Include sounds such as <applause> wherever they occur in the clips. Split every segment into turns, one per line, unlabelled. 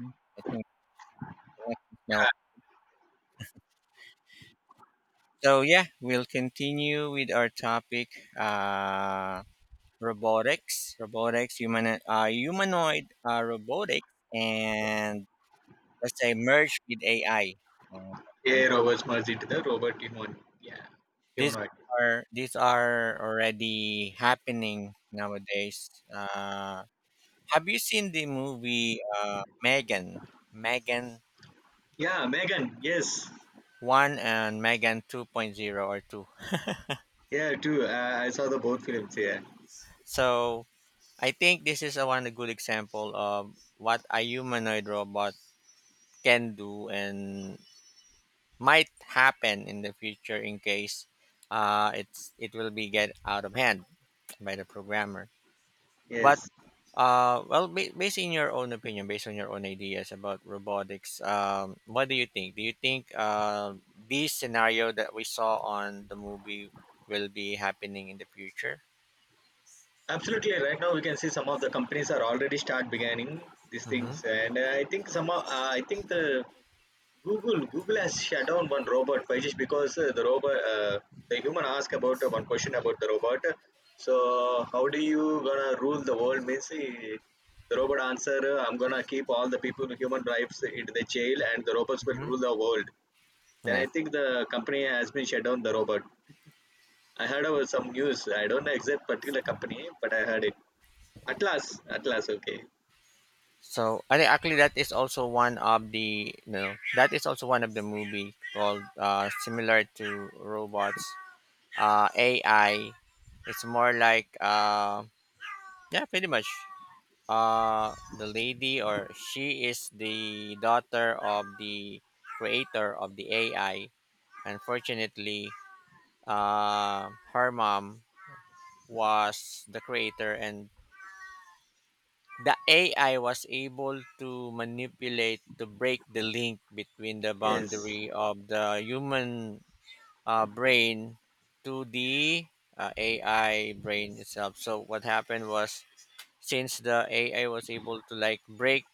Mm, I think connections now. So yeah, we'll continue with our topic: uh, robotics, humanoid robotics, and let's say merged with AI. Uh,
Yeah, Roberts merged into the Robert human. Yeah,
these
humanoid.
these are already happening nowadays. Have you seen the movie Megan
Yeah, Megan. Yes.
One and Megan Two?
Yeah, too. I saw the both films. Yeah.
So I think this is a one good example of what a humanoid robot can do and might happen in the future, in case it will be get out of hand by the programmer. But
Yes.
well, based in your own opinion, based on your own ideas about robotics, what do you think? Do you think this scenario that we saw on the movie will be happening in the future?
Absolutely. Right now, we can see some of the companies are already start beginning these
Mm-hmm.
things, and I think some. I think the Google has shut down one robot. Why? Just because the robot the human asked about one question about the robot. So how do you gonna rule the world? Means the robot answer, I'm gonna keep all the people with human rights into the jail and the robots will
Mm-hmm.
rule the world. Then I
Yes.
think the company has been shut down the robot. I heard about some news. I don't know exact particular company, but I heard it. Atlas, okay.
So I think actually that is also one of the you know that is also one of the movie called similar to robots, AI. It's more like, yeah, pretty much. The lady or She is the daughter of the creator of the AI. Unfortunately, her mom was the creator, and the AI was able to manipulate to break the link between the
Yes,
boundary of the human brain to the AI brain itself. So what happened was, since the AI was able to like break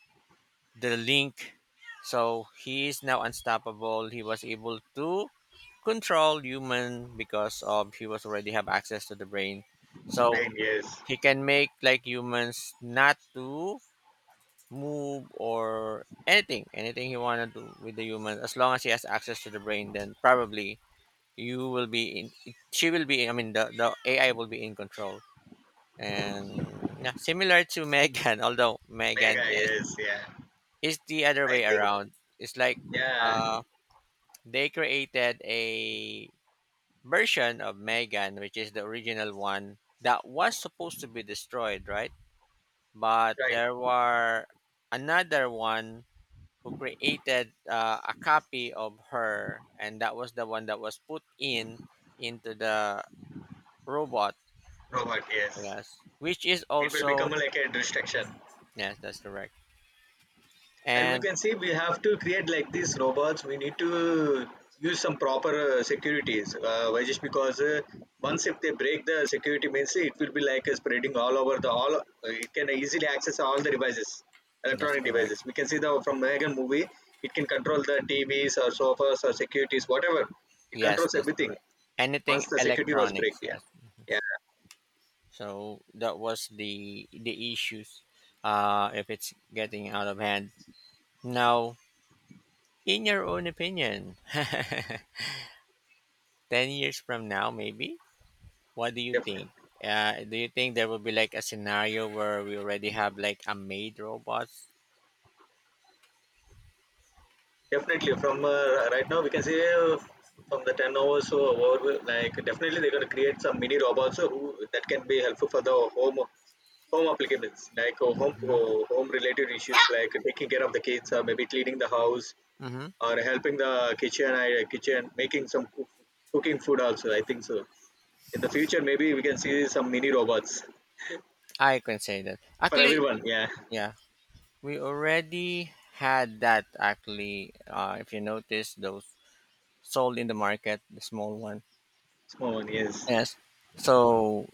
the link, so he is now unstoppable. He was able to control human because of he was already have access to the brain. So
right. Yes,
he can make like humans not to move or anything he want to do with the human, as long as he has access to the brain, then probably you will be in she will be, I mean, the AI will be in control. And yeah, similar to Megan. <laughs> Although megan
Mega.
is
Yes, yeah.
is the other
I
way
think,
around, it's like
yeah,
uh they created a version of Megan, which is the original one that was supposed to be destroyed, right? But
right.
there were another one who created a copy of her, and that was the one that was put in into the robot.
Robot, yes.
Yes, which is
It will become
also.
like a distraction.
Yes, that's correct.
And we
And
can see we have to create like these robots. We need to use some proper securities. Why? Just because once if they break the security means it will be like spreading all over the all. It can easily access all the devices,
that's
electronic
correct.
devices. We can see the from Megan movie, it can control the TVs or sofas or securities, whatever. It
Yes,
controls
that's
everything
correct. Anything
once the security was break.
electronics.
Yeah,
Yes. Mhm.
yeah,
So that was the issues. If it's getting out of hand now, in your own opinion, <laughs> 10 years from now, maybe. What do you
definitely.
think? Do you think there will be like a scenario where we already have like a made robot?
Definitely, from right now we can say from the 10 hours or over, like definitely they're gonna create some mini robots who that can be helpful for the home applications, like uh, home
hmm
uh, home related issues, like taking care of the kids, or maybe cleaning the house,
hmm
or helping the kitchen making some cooking food also. I think so. In the future, maybe we can see some mini robots
I can say that.
for
Actually,
everyone. Yeah,
yeah, we already had that. Actually, if you notice, those sold in the market, the small one.
small one. Yes,
Yes. So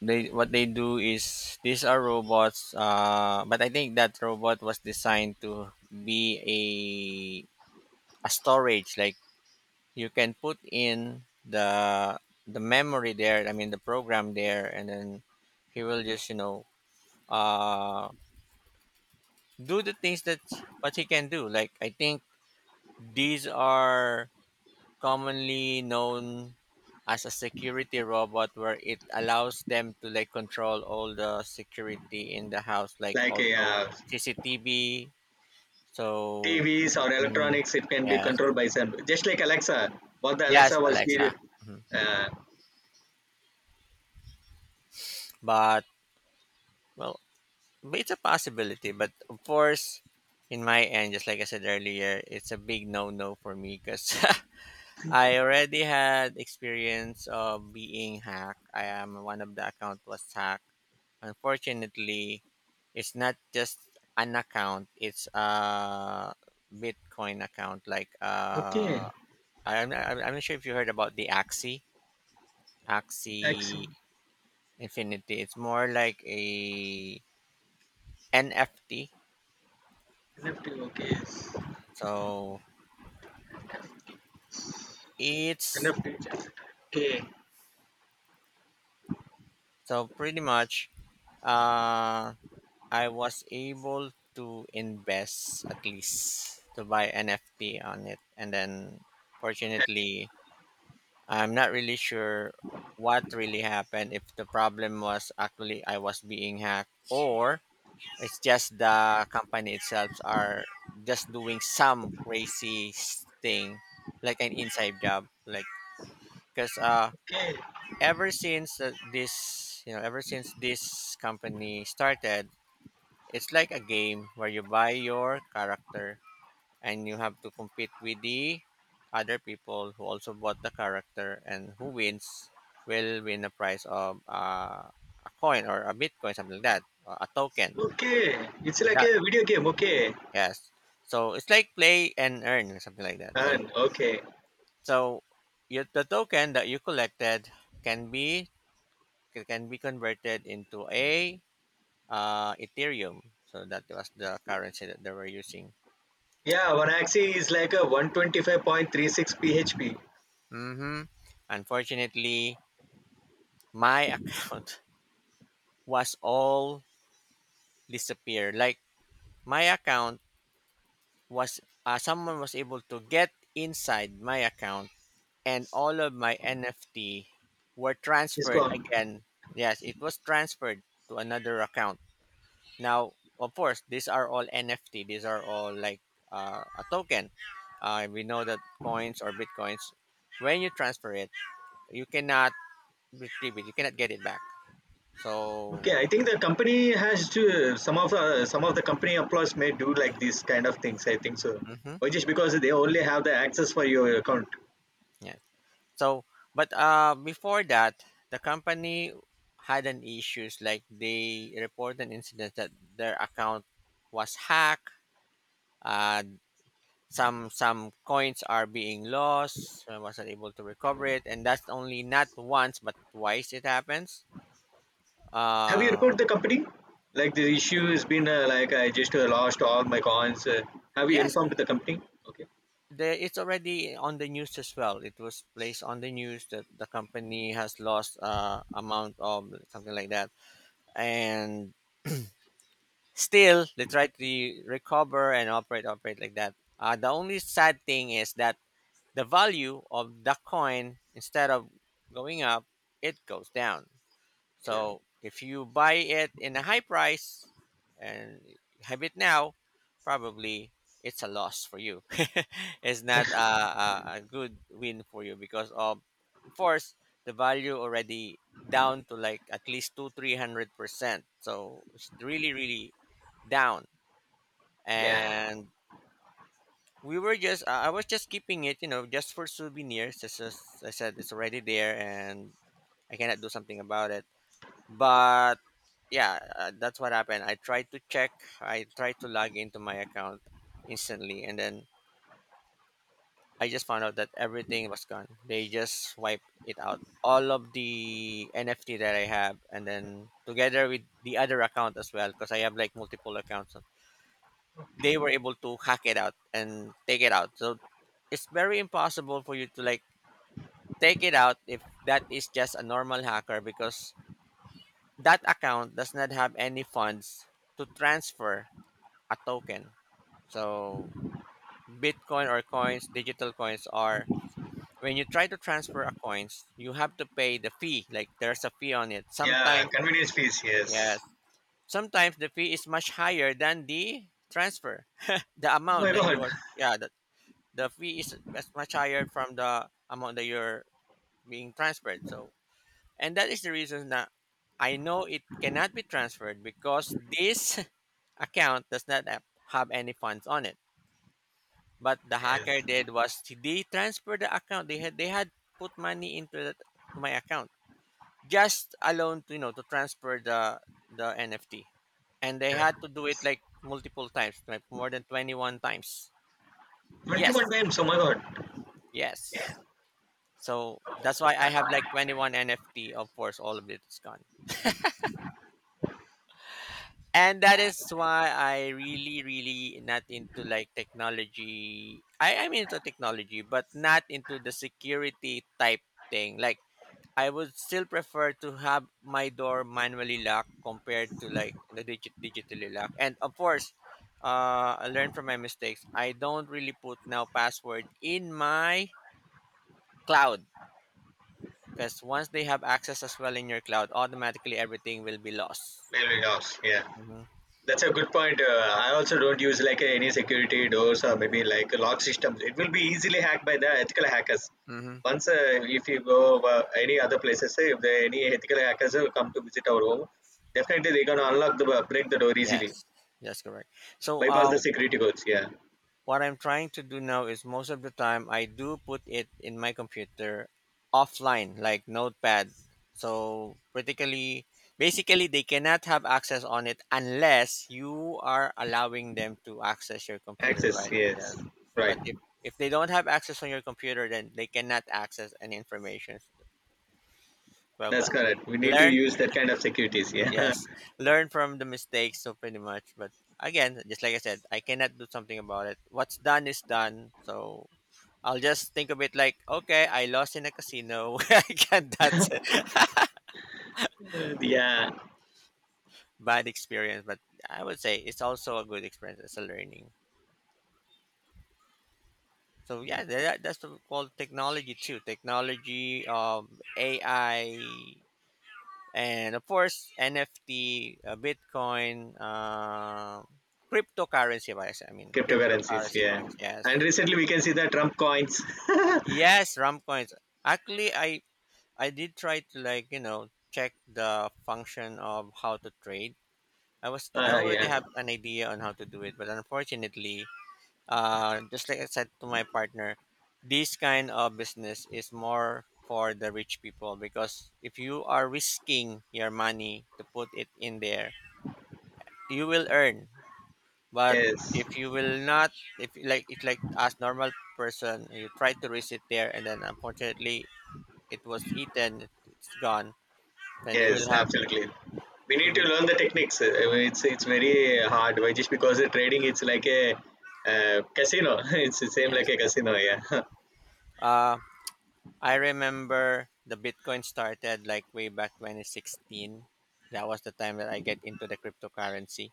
they what they do is these are robots. But I think that robot was designed to be a storage, like you can put in the memory there, I mean, the program there, and then he will just uh do the things that what he can do. Like, I think these are commonly known as a security robot where it allows them to like control all the security in the house, like
like,
also
yeah.
CCTV, so...
TVs or
Mm,
electronics, it can be
yes,
controlled by some, just like Alexa. What the
yes.
Alexa was did.
Alexa. Mhm.
Uh,
But, well but it's a possibility. But of course, in my end, just like I said earlier, it's a big no no for me, because <laughs> I already had experience of being hacked. I am one of the account was hacked. Unfortunately, it's not just an account; it's a Bitcoin account. Like,
okay,
I'm not sure if you heard about the Axie
X
Axie Infinity. It's more like a NFT.
left. Okay, yes.
So
Okay,
It's so, pretty much, uh, I was able to invest at least to buy NFT on it. And then, fortunately, I'm not really sure what really happened, if the problem was actually I was being hacked or it's just the company itself are just doing some crazy thing, like an inside job, like because
okay,
ever since this company started, it's like a game where you buy your character, and you have to compete with the other people who also bought the character, and who wins will win a prize of a coin or a bitcoin, something like that, or a token.
okay. It's like
That
a video game. Okay,
Yes, so it's like play and earn, something like that. So
and okay.
so the token that you collected can be, converted into a Ethereum. So that was the currency that they were using.
Yeah, one axis is like a 125.36 PHP.
hmm Unfortunately, my <laughs> account was all disappeared. Like, my account was, someone was able to get inside my account, and all of my NFT were
It's
transferred
gone.
again. Yes, it was transferred to another account. Now, of course, these are all NFT. These are all like, a token. We know that coins or bitcoins, when you transfer it, you cannot retrieve it. You cannot get it back. So,
Okay, I think the company has to some of the company employees may do like these kind of things. I think so.
mhm,
Or just because they only have the access for your account.
yeah. So, but before that, the company had an issues, like they reported an incident that their account was hacked. Uh, some coins are being lost. I wasn't able to recover it, and that's only not once but twice it happens.
Have you
uh
reported the company? Like the issue has been like I just lost all my coins. Have you
yes.
informed the company? Okay.
It's already on the news as well. It was placed on the news that the company has lost amount of something like that, and still they try to recover and operate like that. The only sad thing is that the value of the coin, instead of going up, it goes down. So if you buy it in a high price and have it now, probably it's a loss for you. <laughs> It's not a good win for you because of course, the value already down to like at least two three hundred percent. So it's really, really down.
Yeah,
And we were just I was just keeping it, just for souvenirs. As I said, it's already there, and I cannot do something about it, but yeah, that's what happened. I tried to log into my account instantly, and then I just found out that everything was gone. They just wiped it out, all of the NFT that I have, and then together with the other account as well, because I have like multiple accounts. So they were able to hack it out and take it out. So it's very impossible for you to like take it out if that is just a normal hacker, because that account does not have any funds to transfer a token. So Bitcoin or coins, digital coins are, when you try to transfer a coins, you have to pay the fee. Like there's a fee on it.
yeah,
Sometimes.
convenience fees, yes.
Yes. Sometimes the fee is much higher than the transfer. <laughs> the
Oh my
amount that you
God. <laughs>
are Yeah, the fee is as much higher from the amount that you're being transferred. So and that is the reason that I know it cannot be transferred, because this <laughs> account does not have any funds on it. But the hacker
Yes,
did was they transferred the account. They had put money into to my account, just alone to to transfer the NFT, and they
yeah.
had to do it like multiple times, like more than 21 times.
21
Yes,
times. Oh my God.
yes. So that's why I have like 21 NFT. Of course, all of it is gone. And that is why I really, really not into like technology. I am into technology, but not into the security type thing. Like, I would still prefer to have my door manually locked compared to like the digitally locked. And of course, I learned from my mistakes. I don't really put now password in my cloud, because once they have access as well in your cloud, automatically everything will be lost.
Will be lost, yeah.
Mm-hmm.
That's a good point. I also don't use like any security doors or maybe like lock systems. It will be easily hacked by the ethical hackers. Once, if you go any other places, if there are any ethical hackers who come to visit our home, definitely they can unlock the break the door easily,
Yes, that's correct. So,
bypass the security codes. Yeah,
what I'm trying to do now is most of the time I do put it in my computer offline, like Notepad. So, particularly, basically, they cannot have access on it unless you are allowing them to access your computer,
access.
right? Yeah.
Yes, right.
But if they don't have access on your computer, then they cannot access any information. Well,
That's correct. We need to
learn
use that kind of securities. Yeah.
Yes,
<laughs>
learn from the mistakes. So pretty much, but again, just like I said, I cannot do something about it. What's done is done. So I'll just think of it like, okay, I lost in a casino. <laughs> Again, that's a
Yeah,
bad experience, but I would say it's also a good experience. It's a learning. So yeah, that's what we call technology too. Technology, AI, and of course NFT, Bitcoin, cryptocurrency. I mean,
cryptocurrencies.
cryptocurrency
Yeah,
coins.
and
Yes.
recently we can see the Trump coins. <laughs> uh,
Yes, RAM coins. Actually, I did try to like check the function of how to trade. I already
yeah.
have an idea on how to do it, but unfortunately, just like I said to my partner, this kind of business is more for the rich people, because if you are risking your money to put it in there, you will earn. But
Yes.
if you will not, if you like, it's like as normal person, you try to risk it there, and then unfortunately, it was eaten, has gone. Then
Yes, absolutely. We
you
need to
will...
learn the techniques. It's very hard. Why? Just because the trading, it's like a casino. <laughs> It's the same like
Yes,
a
yes.
casino. Yeah. <laughs>
uh I remember the Bitcoin started like way back 2016. That was the time that I get into the cryptocurrency.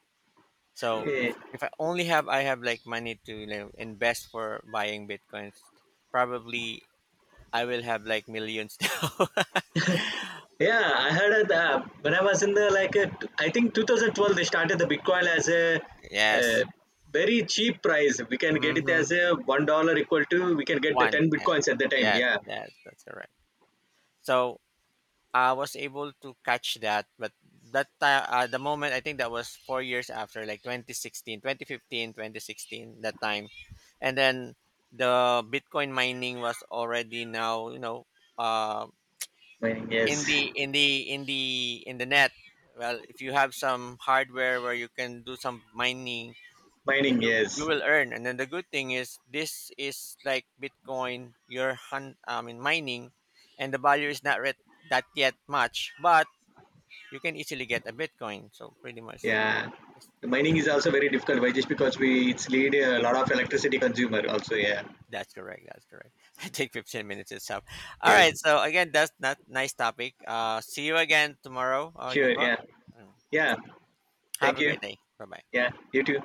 So
Yeah.
if I have like money to, invest for buying bitcoins, probably I will have like millions <laughs> now.
Yeah, I heard it, when I was in the like I think 2012 they started the Bitcoin as a uh,
Yes.
very cheap price. We can get it as
Mm-hmm.
a $1 equal to we can get the
One.
ten
Yes,
bitcoins at the time.
yes,
Yeah,
yes, that's correct. So I was able to catch that, but that time, the moment I think that was 4 years after, like 2016, 2015, 2016, that time, and then the Bitcoin mining was already now, uh,
mining,
in
yes.
the in the in the in the net. Well, if you have some hardware where you can do some mining,
<laughs>
then
Mining,
you
yes.
will earn. And then the good thing is, this is like Bitcoin, you're I mean, mining, and the value is not that yet much, but you can easily get a Bitcoin. So pretty much,
Yeah,
it's-
the mining is also very difficult. Why? Just because we it's lead a lot of electricity consumer also. Yeah,
that's correct. That's correct. <laughs> I think 15 minutes is up. All
yes,
right. So again, that's not nice topic. See you again tomorrow,
sure.
Yuva.
Yeah,
Mm.
yeah.
Have
Thank
a
you.
great day. Bye bye.
Yeah, you too.